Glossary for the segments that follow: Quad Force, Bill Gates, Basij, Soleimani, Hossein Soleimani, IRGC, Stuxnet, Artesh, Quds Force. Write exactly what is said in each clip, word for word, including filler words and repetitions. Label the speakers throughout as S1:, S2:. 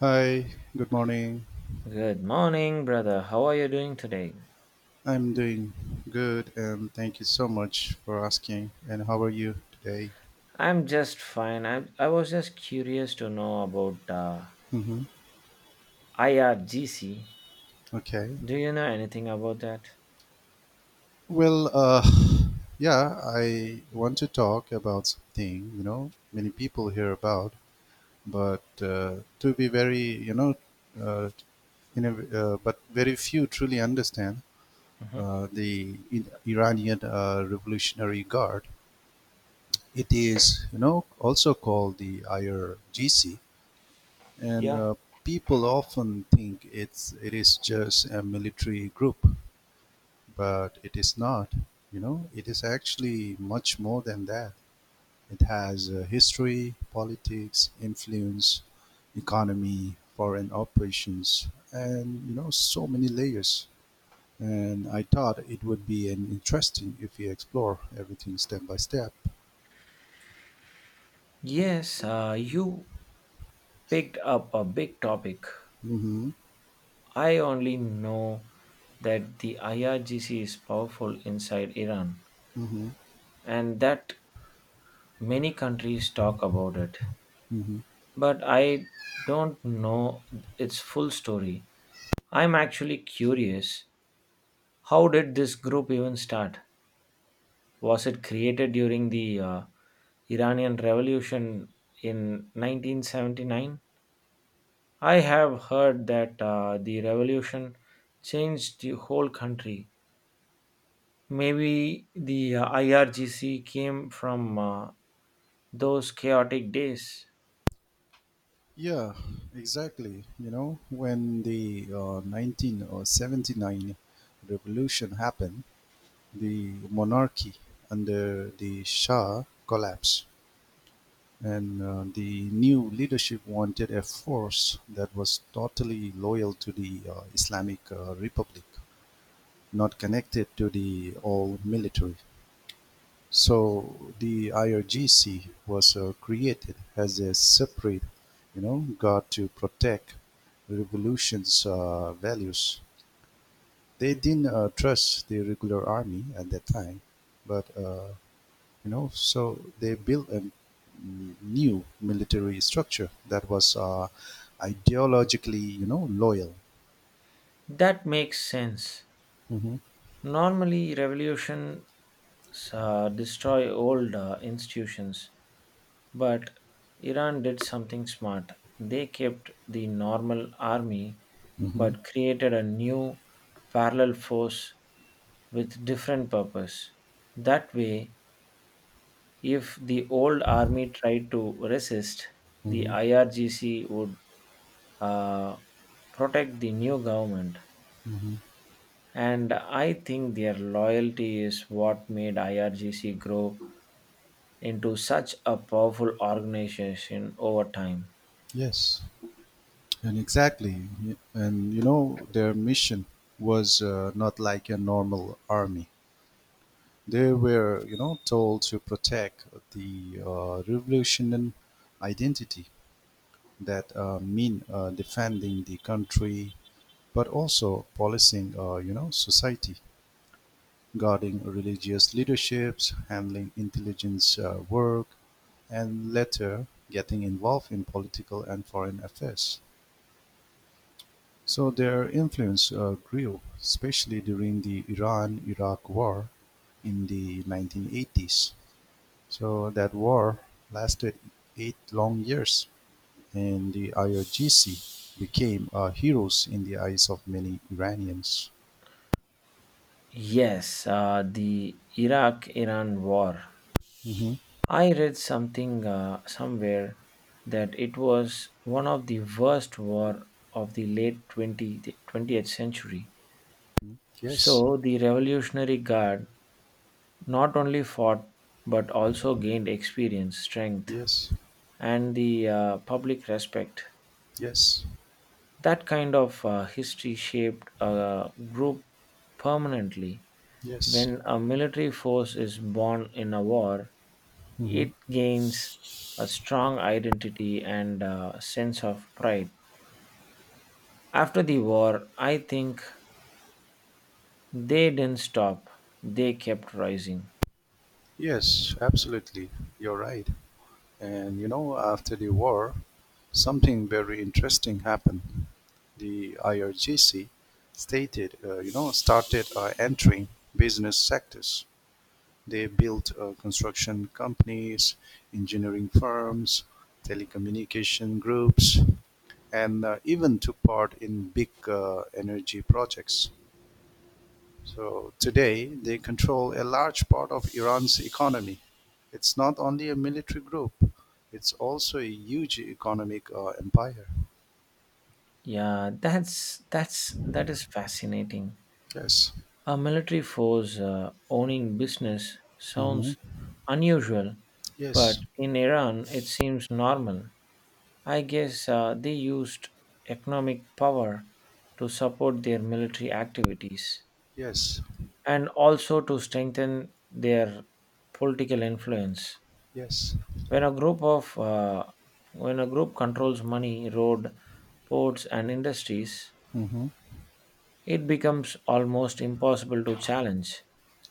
S1: Hi, good morning.
S2: Good morning, brother. How are you doing today?
S1: I'm doing good and thank you so much for asking. And how are you today?
S2: I'm just fine. I, I was just curious to know about uh,
S1: Hmm.
S2: I R G C.
S1: Okay.
S2: Do you know anything about that?
S1: Well, uh, yeah, I want to talk about something, you know, many people hear about, but uh, to be very, you know, uh, in a, uh, but very few truly understand
S2: Hmm.
S1: uh, the in- Iranian uh, Revolutionary Guard. It is, you know, also called the I R G C and
S2: Yeah,
S1: uh, people often think it's it is just a military group, but it is not. You know, it is actually much more than that. It has uh, history, politics, influence, economy, foreign operations, and you know so many layers. And I thought it would be an interesting if we explore everything step by step.
S2: yes, uh, you picked up a big topic.
S1: Mm-hmm.
S2: I only know that the I R G C is powerful inside Iran
S1: Mm-hmm.
S2: and that many countries talk about it.
S1: Mm-hmm.
S2: But I don't know its full story. I'm actually curious. How did this group even start? Was it created during the uh, Iranian Revolution in nineteen seventy-nine? I have heard that uh, the revolution changed the whole country. Maybe the uh, I R G C came from uh, those chaotic days.
S1: Yeah, exactly. You know, when the uh, nineteen or seventy-nine revolution happened, the monarchy under the Shah collapsed, and uh, the new leadership wanted a force that was totally loyal to the uh, Islamic uh, Republic, not connected to the old military. So the I R G C was uh, created as a separate, you know, guard to protect the revolution's uh, values. They didn't uh, trust the regular army at that time, but uh, you know, so they built a mm, new military structure that was uh, ideologically, you know, loyal.
S2: That makes sense.
S1: Hmm.
S2: Normally, revolutions uh, destroy old uh, institutions, but Iran did something smart. They kept the normal army
S1: Hmm.
S2: but created a new parallel force with different purpose. That way, if the old army tried to resist, the
S1: Hmm.
S2: I R G C would uh, protect the new government. And I think their loyalty is what made I R G C grow into such a powerful organization over time.
S1: Yes. And exactly, y- and you know, their mission was uh, not like a normal army. They were, you know, told to protect the uh, revolutionary identity that uh, mean uh, defending the country, but also policing, uh, you know, society, guarding religious leaderships, handling intelligence uh, work, and later getting involved in political and foreign affairs. So their influence uh, grew, especially during the Iran-Iraq War in the nineteen eighties. So that war lasted eight long years, and the I R G C became uh, heroes in the eyes of many Iranians.
S2: Yes, uh, the Iraq Iran war.
S1: Hmm.
S2: I read something uh, somewhere that it was one of the worst war of the late twenty twentieth century.
S1: Yes,
S2: So the Revolutionary Guard not only fought but also gained experience, strength,
S1: yes,
S2: and the uh, public respect.
S1: yes,
S2: That kind of uh, history shaped a group permanently.
S1: yes.
S2: When a military force is born in a war,
S1: Hmm.
S2: it gains a strong identity and a sense of pride. After the war, I think they didn't stop. They kept rising.
S1: Yes, absolutely. You're right. And you know, after the war, something very interesting happened. The I R G C stated, uh, you know, started uh, entering business sectors. They built uh, construction companies, engineering firms, telecommunication groups, and uh, even took part in big uh, energy projects. So today they control a large part of Iran's economy. It's not only a military group, it's also a huge economic uh, empire.
S2: Yeah, that's that's that is fascinating.
S1: Yes.
S2: A military force uh, owning business
S1: Hmm.
S2: sounds unusual, but
S1: Yes.
S2: in Iran it seems normal. I guess uh, they used economic power to support their military activities
S1: Yes.
S2: and also to strengthen their political influence.
S1: Yes.
S2: When a group of uh, when a group controls money, road, ports, and industries,
S1: Hmm.
S2: it becomes almost impossible to challenge.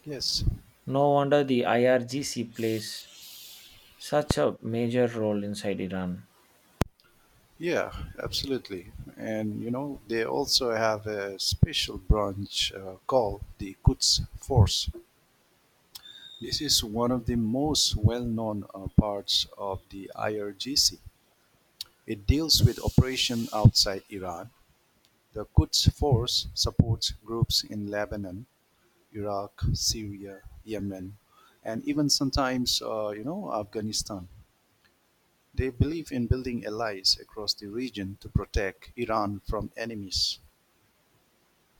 S1: Yes.
S2: No wonder the I R G C plays such a major role inside Iran.
S1: Yeah, absolutely. And you know, they also have a special branch uh, called the Quds Force. This is one of the most well-known uh, parts of the I R G C. It deals with operation outside Iran. The Quds Force supports groups in Lebanon, Iraq, Syria, Yemen, and even sometimes, uh, you know, Afghanistan. They believe in building allies across the region to protect Iran from enemies.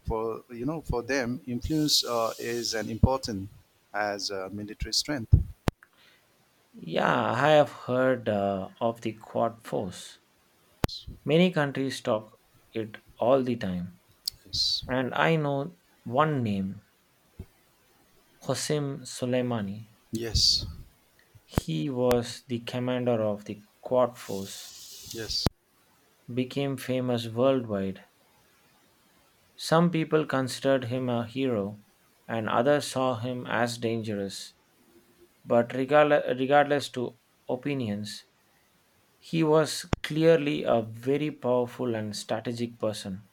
S1: For you know, for them, influence uh, is an important as uh, military strength.
S2: Yeah, I have heard uh, of the Quad Force. Many countries talk it all the time.
S1: Yes,
S2: And I know one name, Hossein Soleimani.
S1: yes,
S2: He was the commander of the Quad Force,
S1: yes.
S2: became famous worldwide. Some people considered him a hero, and others saw him as dangerous. But regardless, regardless to opinions, he was clearly a very powerful and strategic person.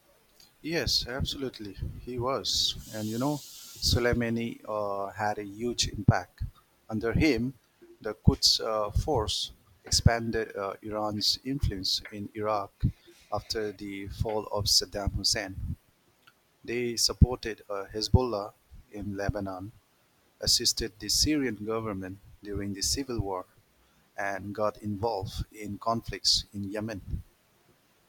S1: Yes, absolutely. He was. And you know, Soleimani uh, had a huge impact. Under him, the Quds uh, force expanded uh, Iran's influence in Iraq after the fall of Saddam Hussein. They supported uh, Hezbollah in Lebanon, assisted the Syrian government during the civil war, and got involved in conflicts in Yemen.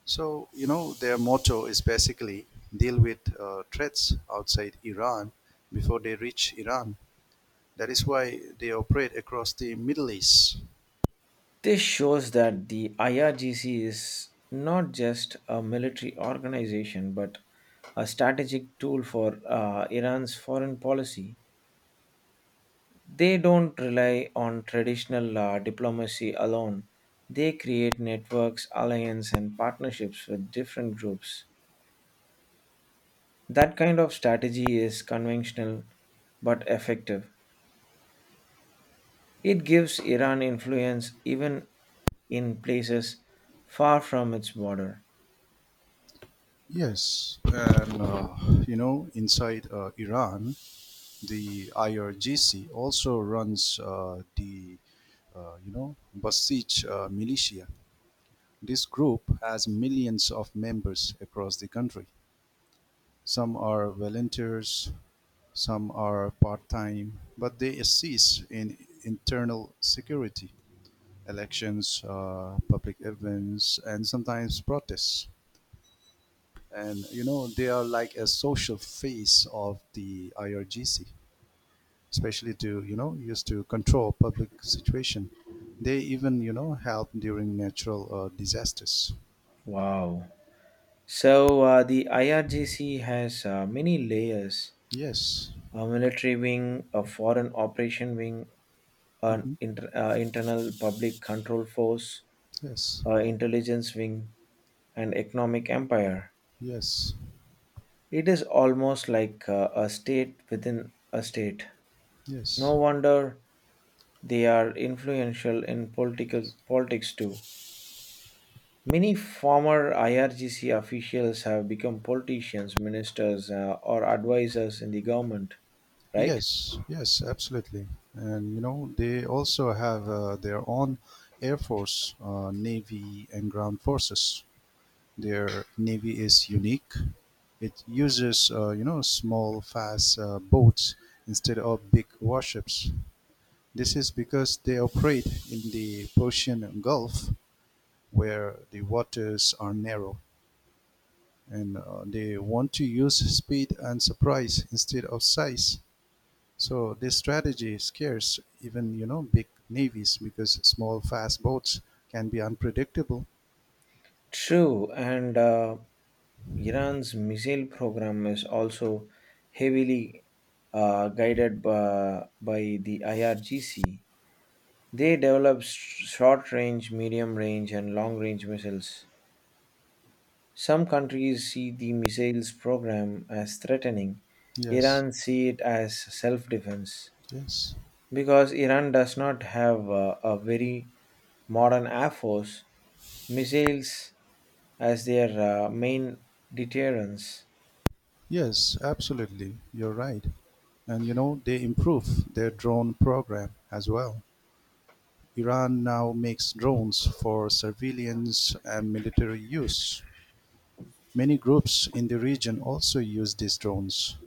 S1: So, you know, their motto is basically deal with uh, threats outside Iran before they reach Iran. That is why they operate across the Middle East.
S2: This shows that the I R G C is not just a military organization but a strategic tool for uh, Iran's foreign policy. They don't rely on traditional uh, diplomacy alone. They create networks, alliances, and partnerships with different groups. That kind of strategy is conventional but effective. It gives Iran influence even in places far from its border.
S1: Yes, and uh, you know, inside uh, Iran, the I R G C also runs uh, the uh, you know Basij uh, militia. This group has millions of members across the country. Some are volunteers, some are part-time, but they assist in internal security, elections, uh, public events, and sometimes protests. And you know, they are like a social face of the I R G C, especially to you know used to control public situation. They even you know help during natural uh, disasters.
S2: Wow. So uh, the I R G C has uh, many layers:
S1: Yes.
S2: a military wing, a foreign operation wing, an
S1: Hmm.
S2: inter- uh, internal public control force,
S1: Yes.
S2: an intelligence wing, and economic empire.
S1: Yes.
S2: It is almost like uh, a state within a state. No
S1: Yes.
S2: wonder they are influential in political politics too. Many former I R G C officials have become politicians, ministers, uh, or advisors in the government, right?
S1: Yes, yes, absolutely. And you know, they also have uh, their own air force, uh, navy, and ground forces. Their navy is unique. It uses, uh, you know, small, fast uh, boats instead of big warships. This is because they operate in the Persian Gulf, where the waters are narrow, and uh, they want to use speed and surprise instead of size. So this strategy scares even you know big navies because small fast boats can be unpredictable.
S2: True, and uh, Iran's missile program is also heavily uh, guided by, by the I R G C. They develop sh- short range, medium range, and long range missiles. Some countries see the missiles program as threatening,
S1: Yes,
S2: Iran see it as self defense,
S1: yes,
S2: because Iran does not have uh, a very modern air force, missiles as their uh, main deterrence.
S1: yes, absolutely. You're right. And you know they improve their drone program as well. Iran now makes drones for surveillance and military use. Many groups in the region also use these drones.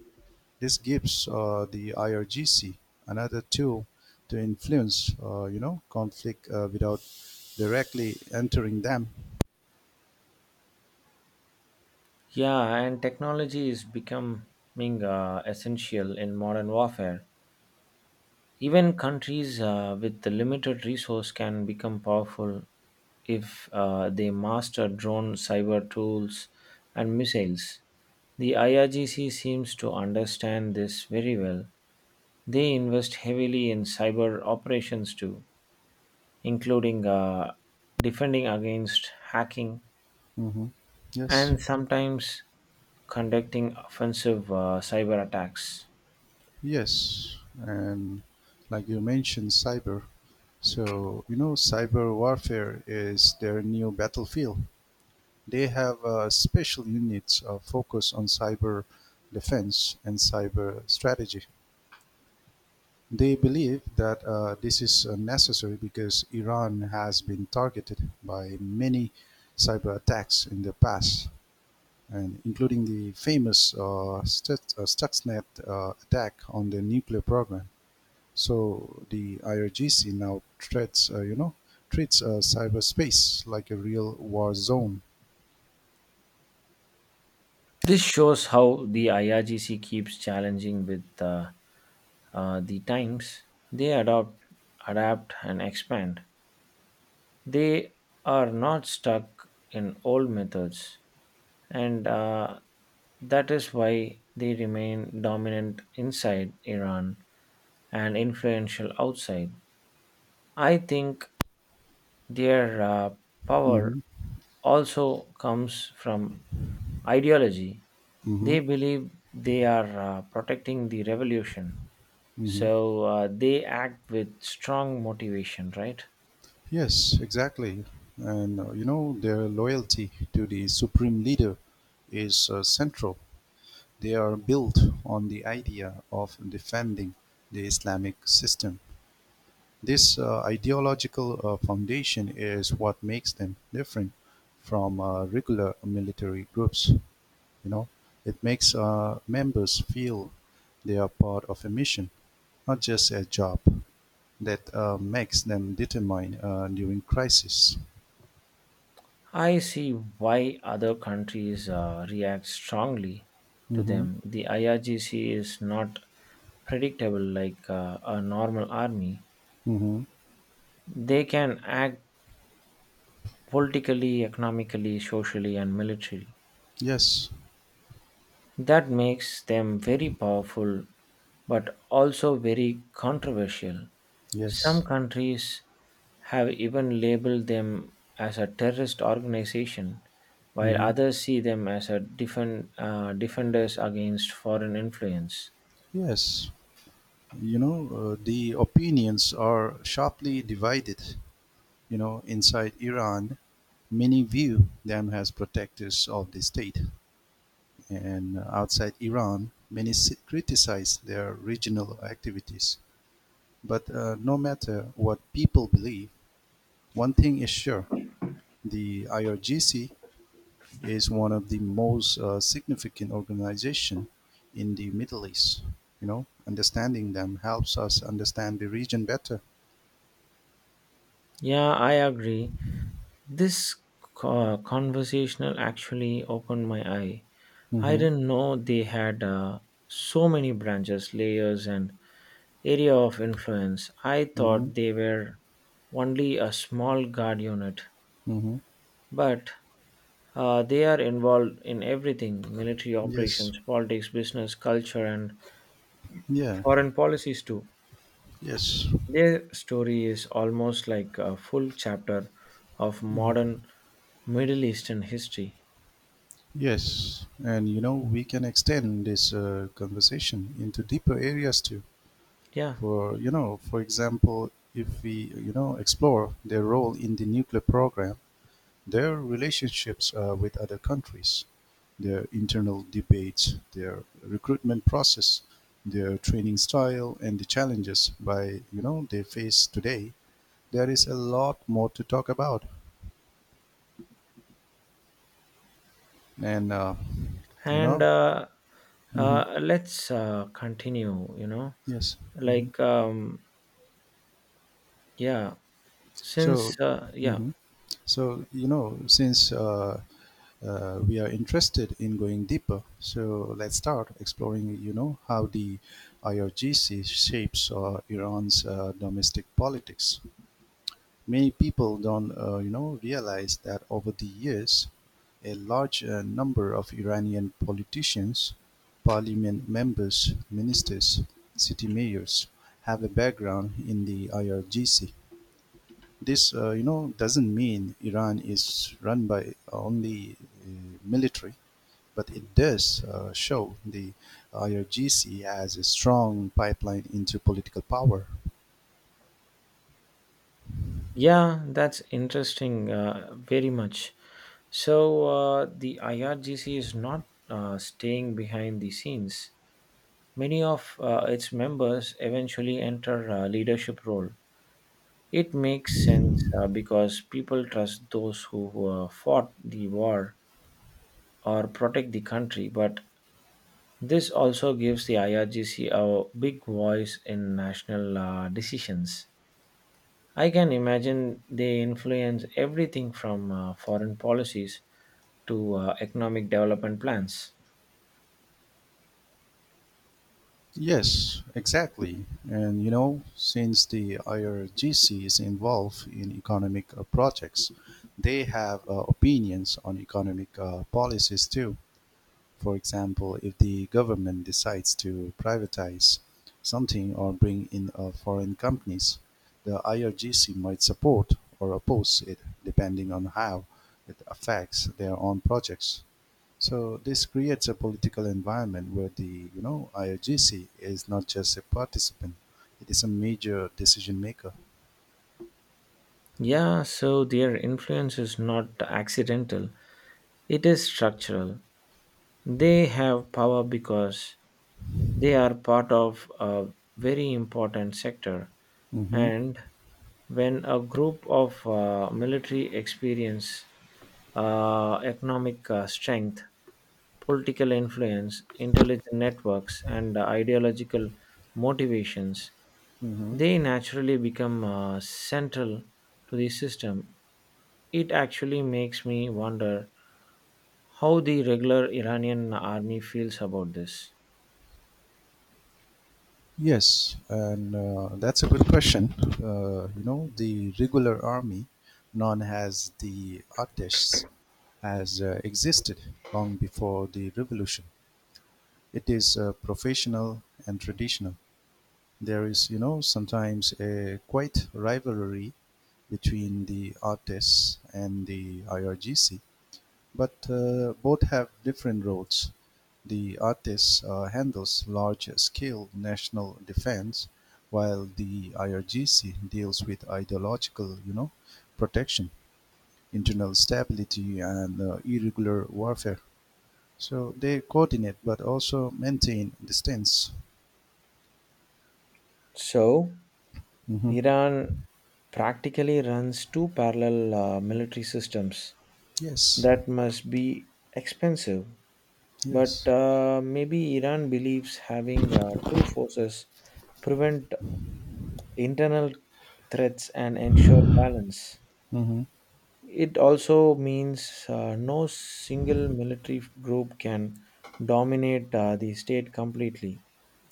S1: This gives uh, the I R G C another tool to influence, uh, you know, conflict uh, without directly entering them.
S2: Yeah, and technology is becoming uh, essential in modern warfare. Even countries uh, with the limited resource can become powerful if uh, they master drone cyber tools and missiles. The I R G C seems to understand this very well. They invest heavily in cyber operations too, including uh, defending against hacking
S1: Hmm. Yes,
S2: and sometimes conducting offensive uh, cyber attacks.
S1: yes, and like you mentioned, cyber. So you know, cyber warfare is their new battlefield. They have uh, special units uh, focused on cyber defense and cyber strategy. They believe that uh, this is uh, necessary because Iran has been targeted by many cyber attacks in the past, and including the famous uh, Stuts- uh, Stuxnet uh, attack on the nuclear program. So the I R G C now treats, uh, you know, treats uh, cyberspace like a real war zone.
S2: This shows how the I R G C keeps challenging with uh, uh, the times. They adopt, adapt, and expand. They are not stuck in old methods, and uh, that is why they remain dominant inside Iran and influential outside. I think their uh, power
S1: Mm-hmm.
S2: also comes from ideology.
S1: Mm-hmm.
S2: They believe they are uh, protecting the revolution,
S1: Mm-hmm.
S2: so uh, they act with strong motivation, right?
S1: Yes, exactly. And uh, you know, their loyalty to the supreme leader is uh, central. They are built on the idea of defending the Islamic system. This uh, ideological uh, foundation is what makes them different from uh, regular military groups. You know, it makes uh, members feel they are part of a mission, not just a job. That uh, makes them determined uh, during crisis.
S2: I see why other countries uh, react strongly to
S1: Mm-hmm.
S2: them. The I R G C is not predictable like uh, a normal army.
S1: Mm-hmm.
S2: They can act politically, economically, socially, and militarily.
S1: Yes.
S2: That makes them very powerful but also very controversial. Some
S1: Yes.
S2: countries have even labeled them as a terrorist organization, while
S1: Mm-hmm.
S2: others see them as a defend, uh, defenders against foreign influence.
S1: Yes. You know, uh, the opinions are sharply divided. You know, inside Iran, many view them as protectors of the state, and outside Iran, many si- criticize their regional activities. But uh, no matter what people believe, one thing is sure: the I R G C is one of the most uh, significant organization in the Middle East. You know, understanding them helps us understand the region better.
S2: Yeah, I agree. This co- conversational actually opened my eye. I
S1: Mhm.
S2: didn't know they had uh, so many branches, layers, and area of influence. I
S1: Mm-hmm.
S2: thought they were only a small guard unit,
S1: Mm-hmm.
S2: but uh, they are involved in everything: military
S1: Yes.
S2: operations, politics, business, culture, and
S1: Yeah.
S2: foreign policies too.
S1: Yes.
S2: Their story is almost like a full chapter of modern Middle Eastern history.
S1: Yes. And you know, we can extend this uh, conversation into deeper areas too.
S2: Yeah.
S1: For you know, for example, if we you know explore their role in the nuclear program, their relationships uh, with other countries, their internal debates, their recruitment process, their training style, and the challenges by you know they face today, there is a lot more to talk about. And uh, you
S2: and
S1: know
S2: uh,
S1: Hmm.
S2: uh, let's uh, continue you know
S1: Yes. Hmm.
S2: like um, yeah,
S1: so
S2: since uh, yeah,
S1: hmm. So you know since uh, uh, we are interested in going deeper, so let's start exploring you know how the IRGC shapes uh, Iran's uh, domestic politics. Many people don't, uh, you know, realize that over the years, a large uh, number of Iranian politicians, parliament members, ministers, city mayors have a background in the I R G C. This, uh, you know, doesn't mean Iran is run by only uh, military, but it does uh, show the I R G C as a strong pipeline into political power.
S2: yeah. That's interesting, uh, very much. So uh, the IRGC is not uh, staying behind the scenes. Many of uh, its members eventually enter a leadership role. It makes sense uh, because people trust those who, who uh, fought the war or protect the country. But this also gives the I R G C a big voice in national uh, decisions. I can imagine they influence everything from uh, foreign policies to uh, economic development plans.
S1: Yes, exactly. And you know, since the I R G C is involved in economic uh, projects, they have uh, opinions on economic uh, policies too. For example, if the government decides to privatize something or bring in uh, foreign companies, the I R G C might support or oppose it depending on how it affects their own projects. So this creates a political environment where the you know I O G C is not just a participant; it is a major decision maker.
S2: Yeah, so their influence is not accidental, it is structural. They have power because they are part of a very important sector,
S1: Hmm.
S2: and when a group of uh, military experience, uh, economic uh, strength, political influence, intelligent networks, and ideological motivations,
S1: Hmm.
S2: they naturally become uh, central to the system. It actually makes me wonder how the regular Iranian army feels about this.
S1: Yes, and uh, that's a good question. Uh, you know, the regular army, known as the artists, has uh, existed long before the revolution. It is uh, professional and traditional. There is, you know, sometimes a quite rivalry between the artists and the I R G C, but uh, both have different roles. The artists uh, handles large scale national defense, while the I R G C deals with ideological, you know, protection, internal stability, and uh, irregular warfare. So they coordinate but also maintain distance.
S2: So,
S1: Hmm.
S2: Iran practically runs two parallel uh, military systems
S1: Yes,
S2: that must be expensive. But
S1: yes.
S2: uh, maybe Iran believes having uh, two forces prevent internal threats and ensure balance.
S1: Hmm.
S2: It also means uh, no single military group can dominate uh, the state completely.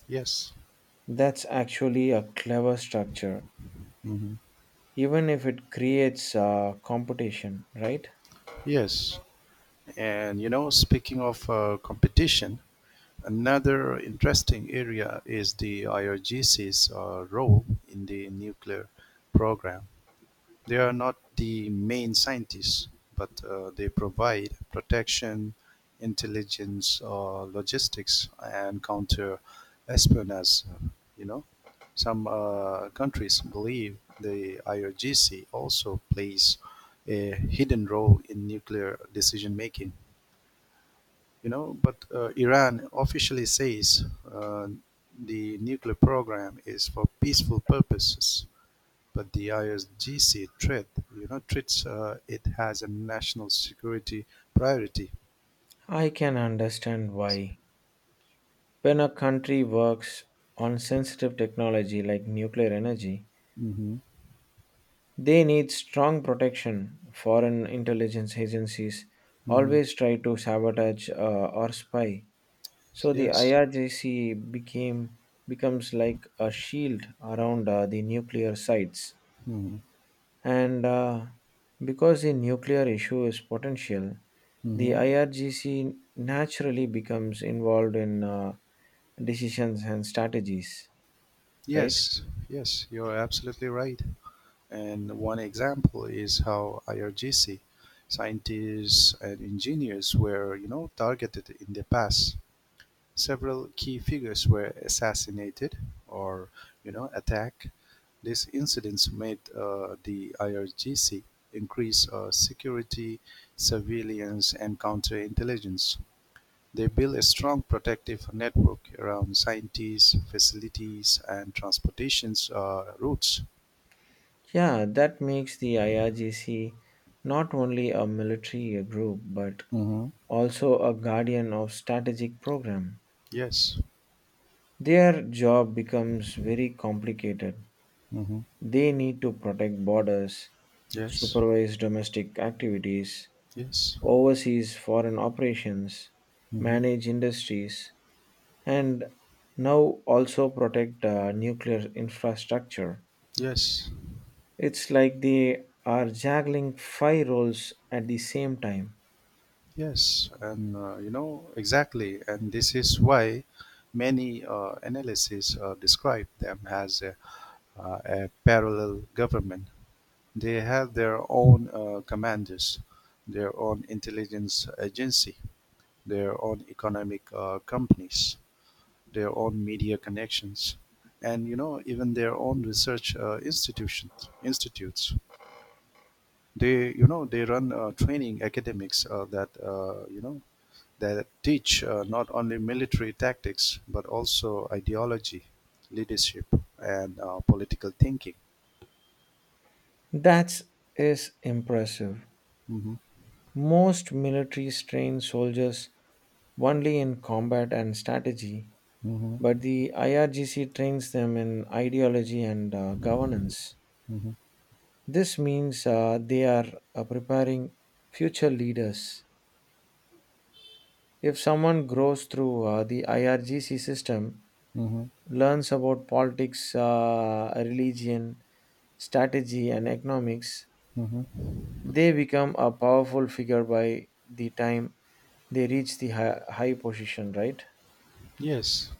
S1: Yes.
S2: That's actually a clever structure,
S1: Hmm.
S2: even if it creates uh, competition, right?
S1: Yes. And you know, speaking of uh, competition, another interesting area is the I R G C's uh, role in the nuclear program. They are not the main scientists, but uh, they provide protection, intelligence, uh, logistics, and counter espionage. You know, some uh, countries believe the I R G C also plays a hidden role in nuclear decision making you know, but uh, Iran officially says uh, the nuclear program is for peaceful purposes. But the I R G C threat, you know, treats uh, it as a national security priority.
S2: I can understand why. When a country works on sensitive technology like nuclear energy,
S1: Hmm.
S2: they need strong protection. Foreign intelligence agencies
S1: Hmm.
S2: always try to sabotage uh, or spy. So the
S1: Yes.
S2: I R G C became becomes like a shield around uh, the nuclear sites.
S1: Hmm.
S2: And uh, because the nuclear issue is potential, the
S1: Hmm.
S2: I R G C naturally becomes involved in uh, decisions and strategies, right?
S1: Yes. Yes. You're absolutely right. And one example is how I R G C scientists and engineers were, you know, targeted in the past. Several key figures were assassinated or you know attacked. These incidents made uh, the I R G C increase uh, security, surveillance, and counterintelligence. They built a strong protective network around scientists, facilities, and transportation uh, routes.
S2: Yeah, that makes the I R G C not only a military group but
S1: Hmm.
S2: also a guardian of strategic program.
S1: Yes.
S2: Their job becomes very complicated.
S1: Hmm.
S2: They need to protect borders,
S1: Yes.
S2: supervise domestic activities,
S1: Yes.
S2: overseas foreign operations,
S1: Hmm.
S2: manage industries, and now also protect uh, nuclear infrastructure.
S1: Yes.
S2: It's like they are juggling five roles at the same time.
S1: Yes, and uh, you know exactly, and this is why many uh, analyses uh, describe them as a, uh, a parallel government. They have their own uh, commanders, their own intelligence agency, their own economic uh, companies, their own media connections, and you know even their own research uh, institutions. Institutes. They you know they run uh, training academics uh, that uh, you know That teach uh, not only military tactics but also ideology, leadership, and uh, political thinking.
S2: That is impressive.
S1: Mm-hmm.
S2: Most militaries train soldiers only in combat and strategy,
S1: Mm-hmm.
S2: but the I R G C trains them in ideology and uh, governance.
S1: Mm-hmm.
S2: This means uh, they are uh, preparing future leaders. If someone grows through uh, the I R G C system,
S1: Mm-hmm.
S2: learns about politics, uh, religion, strategy, and economics,
S1: Mm-hmm.
S2: they become a powerful figure by the time they reach the high, high position, right?
S1: Yes,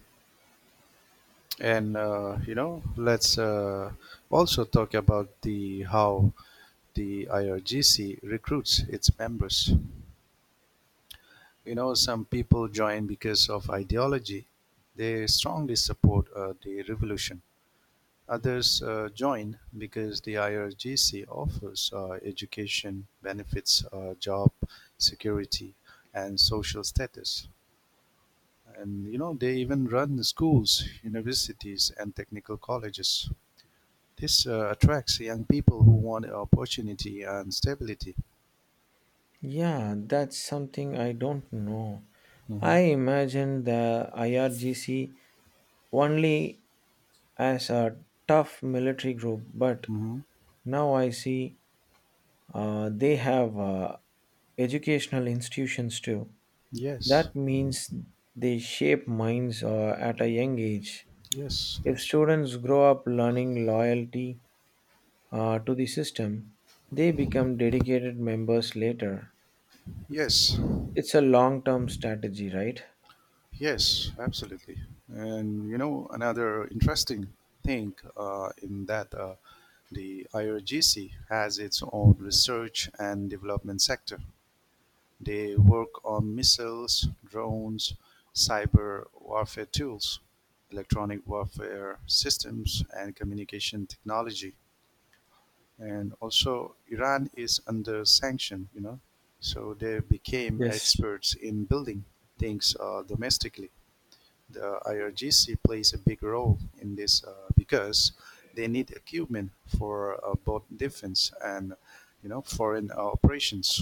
S1: and uh, you know, let's uh, also talk about the how the I R G C recruits its members. You know, some people join because of ideology. They strongly support uh, the revolution. Others uh, join because the I R G C offers uh, education, benefits, uh, job security, and social status. And you know, they even run schools, universities, and technical colleges. This uh, attracts young people who want opportunity and stability.
S2: Yeah, that's something I don't know.
S1: Hmm.
S2: I imagine the I R G C only as a tough military group, but
S1: Hmm.
S2: now I see uh, they have uh, educational institutions too.
S1: Yes,
S2: That means they shape minds uh, at a young age.
S1: yes,
S2: If students grow up learning loyalty uh, to the system, they become dedicated members later.
S1: yes.
S2: It's a long term strategy, right?
S1: Yes, absolutely. And you know, another interesting thing uh, in that uh, the I R G C has its own research and development sector. They work on missiles, drones, cyber warfare tools, electronic warfare systems, and communication technology. And also, Iran is under sanction, you know, so they became
S2: Yes.
S1: experts in building things uh, domestically. The I R G C plays a big role in this uh, because they need equipment for uh, both defense and you know foreign uh, operations.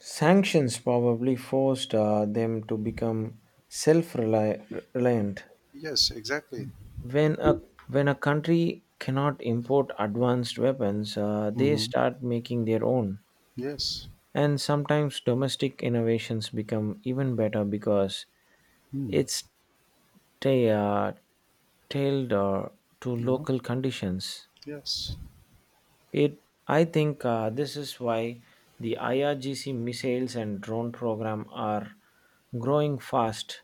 S2: Sanctions probably forced uh, them to become self reliant.
S1: Yes, exactly.
S2: when a when a country cannot import advanced weapons uh, they
S1: Hmm.
S2: start making their own.
S1: Yes,
S2: And sometimes domestic innovations become even better because
S1: mm.
S2: it's ta- uh, tailored uh, to
S1: You know,
S2: local conditions.
S1: yes.
S2: It i think uh, this is why the IRGC missiles and drone program are growing fast.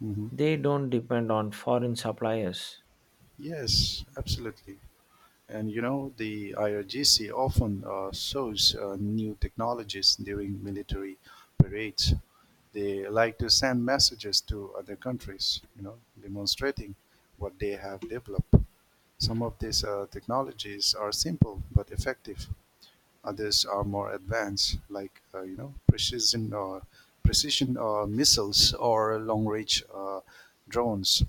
S1: Hmm.
S2: They don't depend on foreign suppliers.
S1: Yes, absolutely. And you know, the I R G C often uh, shows uh, new technologies during military parades. They like to send messages to other countries, you know, demonstrating what they have developed. Some of these uh, technologies are simple but effective. Others are more advanced, like uh, you know, precision or precision uh, missiles or long-range uh, drones.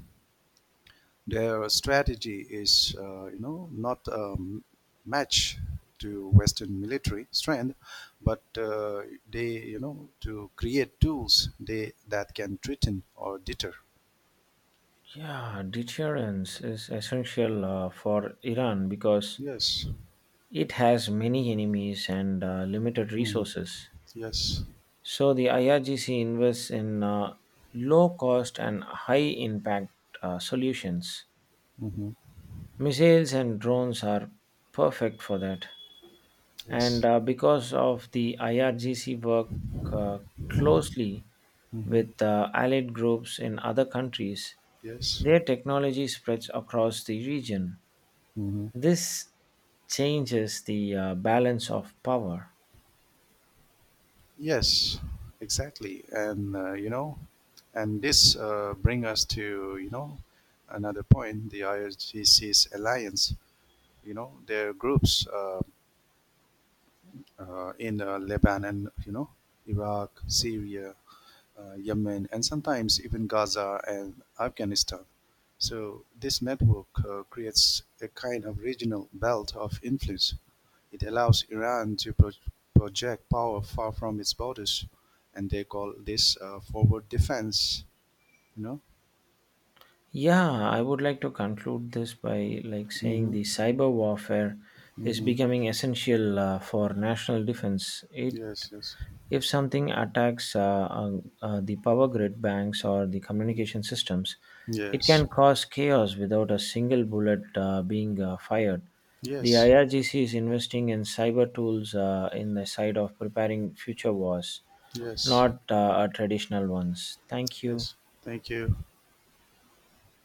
S1: Their strategy is, uh, you know, not um, match to Western military strength, but uh, they, you know, to create tools they that can threaten or deter.
S2: Yeah, deterrence is essential uh, for Iran because
S1: Yes.
S2: it has many enemies and uh, limited
S1: Mm.
S2: resources.
S1: Yes.
S2: So the I R G C invests in uh, low cost and high impact uh, solutions.
S1: Hmm.
S2: Missiles and drones are perfect for that. And
S1: Yes.
S2: uh, because of the I R G C work uh, closely
S1: Hmm.
S2: with uh, allied groups in other countries,
S1: Yes.
S2: their technology spreads across the region.
S1: Hmm.
S2: This changes the uh, balance of power.
S1: Yes. Exactly. And uh, you know, and this uh, bring us to you know another point: the I R G C's alliance. You know, their groups uh, uh, in uh, Lebanon, you know, Iraq, Syria, uh, Yemen, and sometimes even Gaza and Afghanistan. So this network uh, creates a kind of regional belt of influence. It allows Iran to pro- project power far from its borders, and they call this uh, forward defense. You know.
S2: Yeah, I would like to conclude this by like saying
S1: Mm-hmm.
S2: the cyber warfare is
S1: Mm-hmm.
S2: becoming essential uh, for national defense. It
S1: Yes. Yes.
S2: If something attacks uh, uh, uh, the power grid, banks, or the
S1: Mm-hmm.
S2: communication systems, it
S1: Yes.
S2: can cause chaos without a single bullet uh, being uh, fired. The
S1: Yes.
S2: I R G C is investing in cyber tools uh, in the side of preparing future wars,
S1: Yes.
S2: not uh, uh, traditional ones. Thank you.
S1: Yes. Thank you.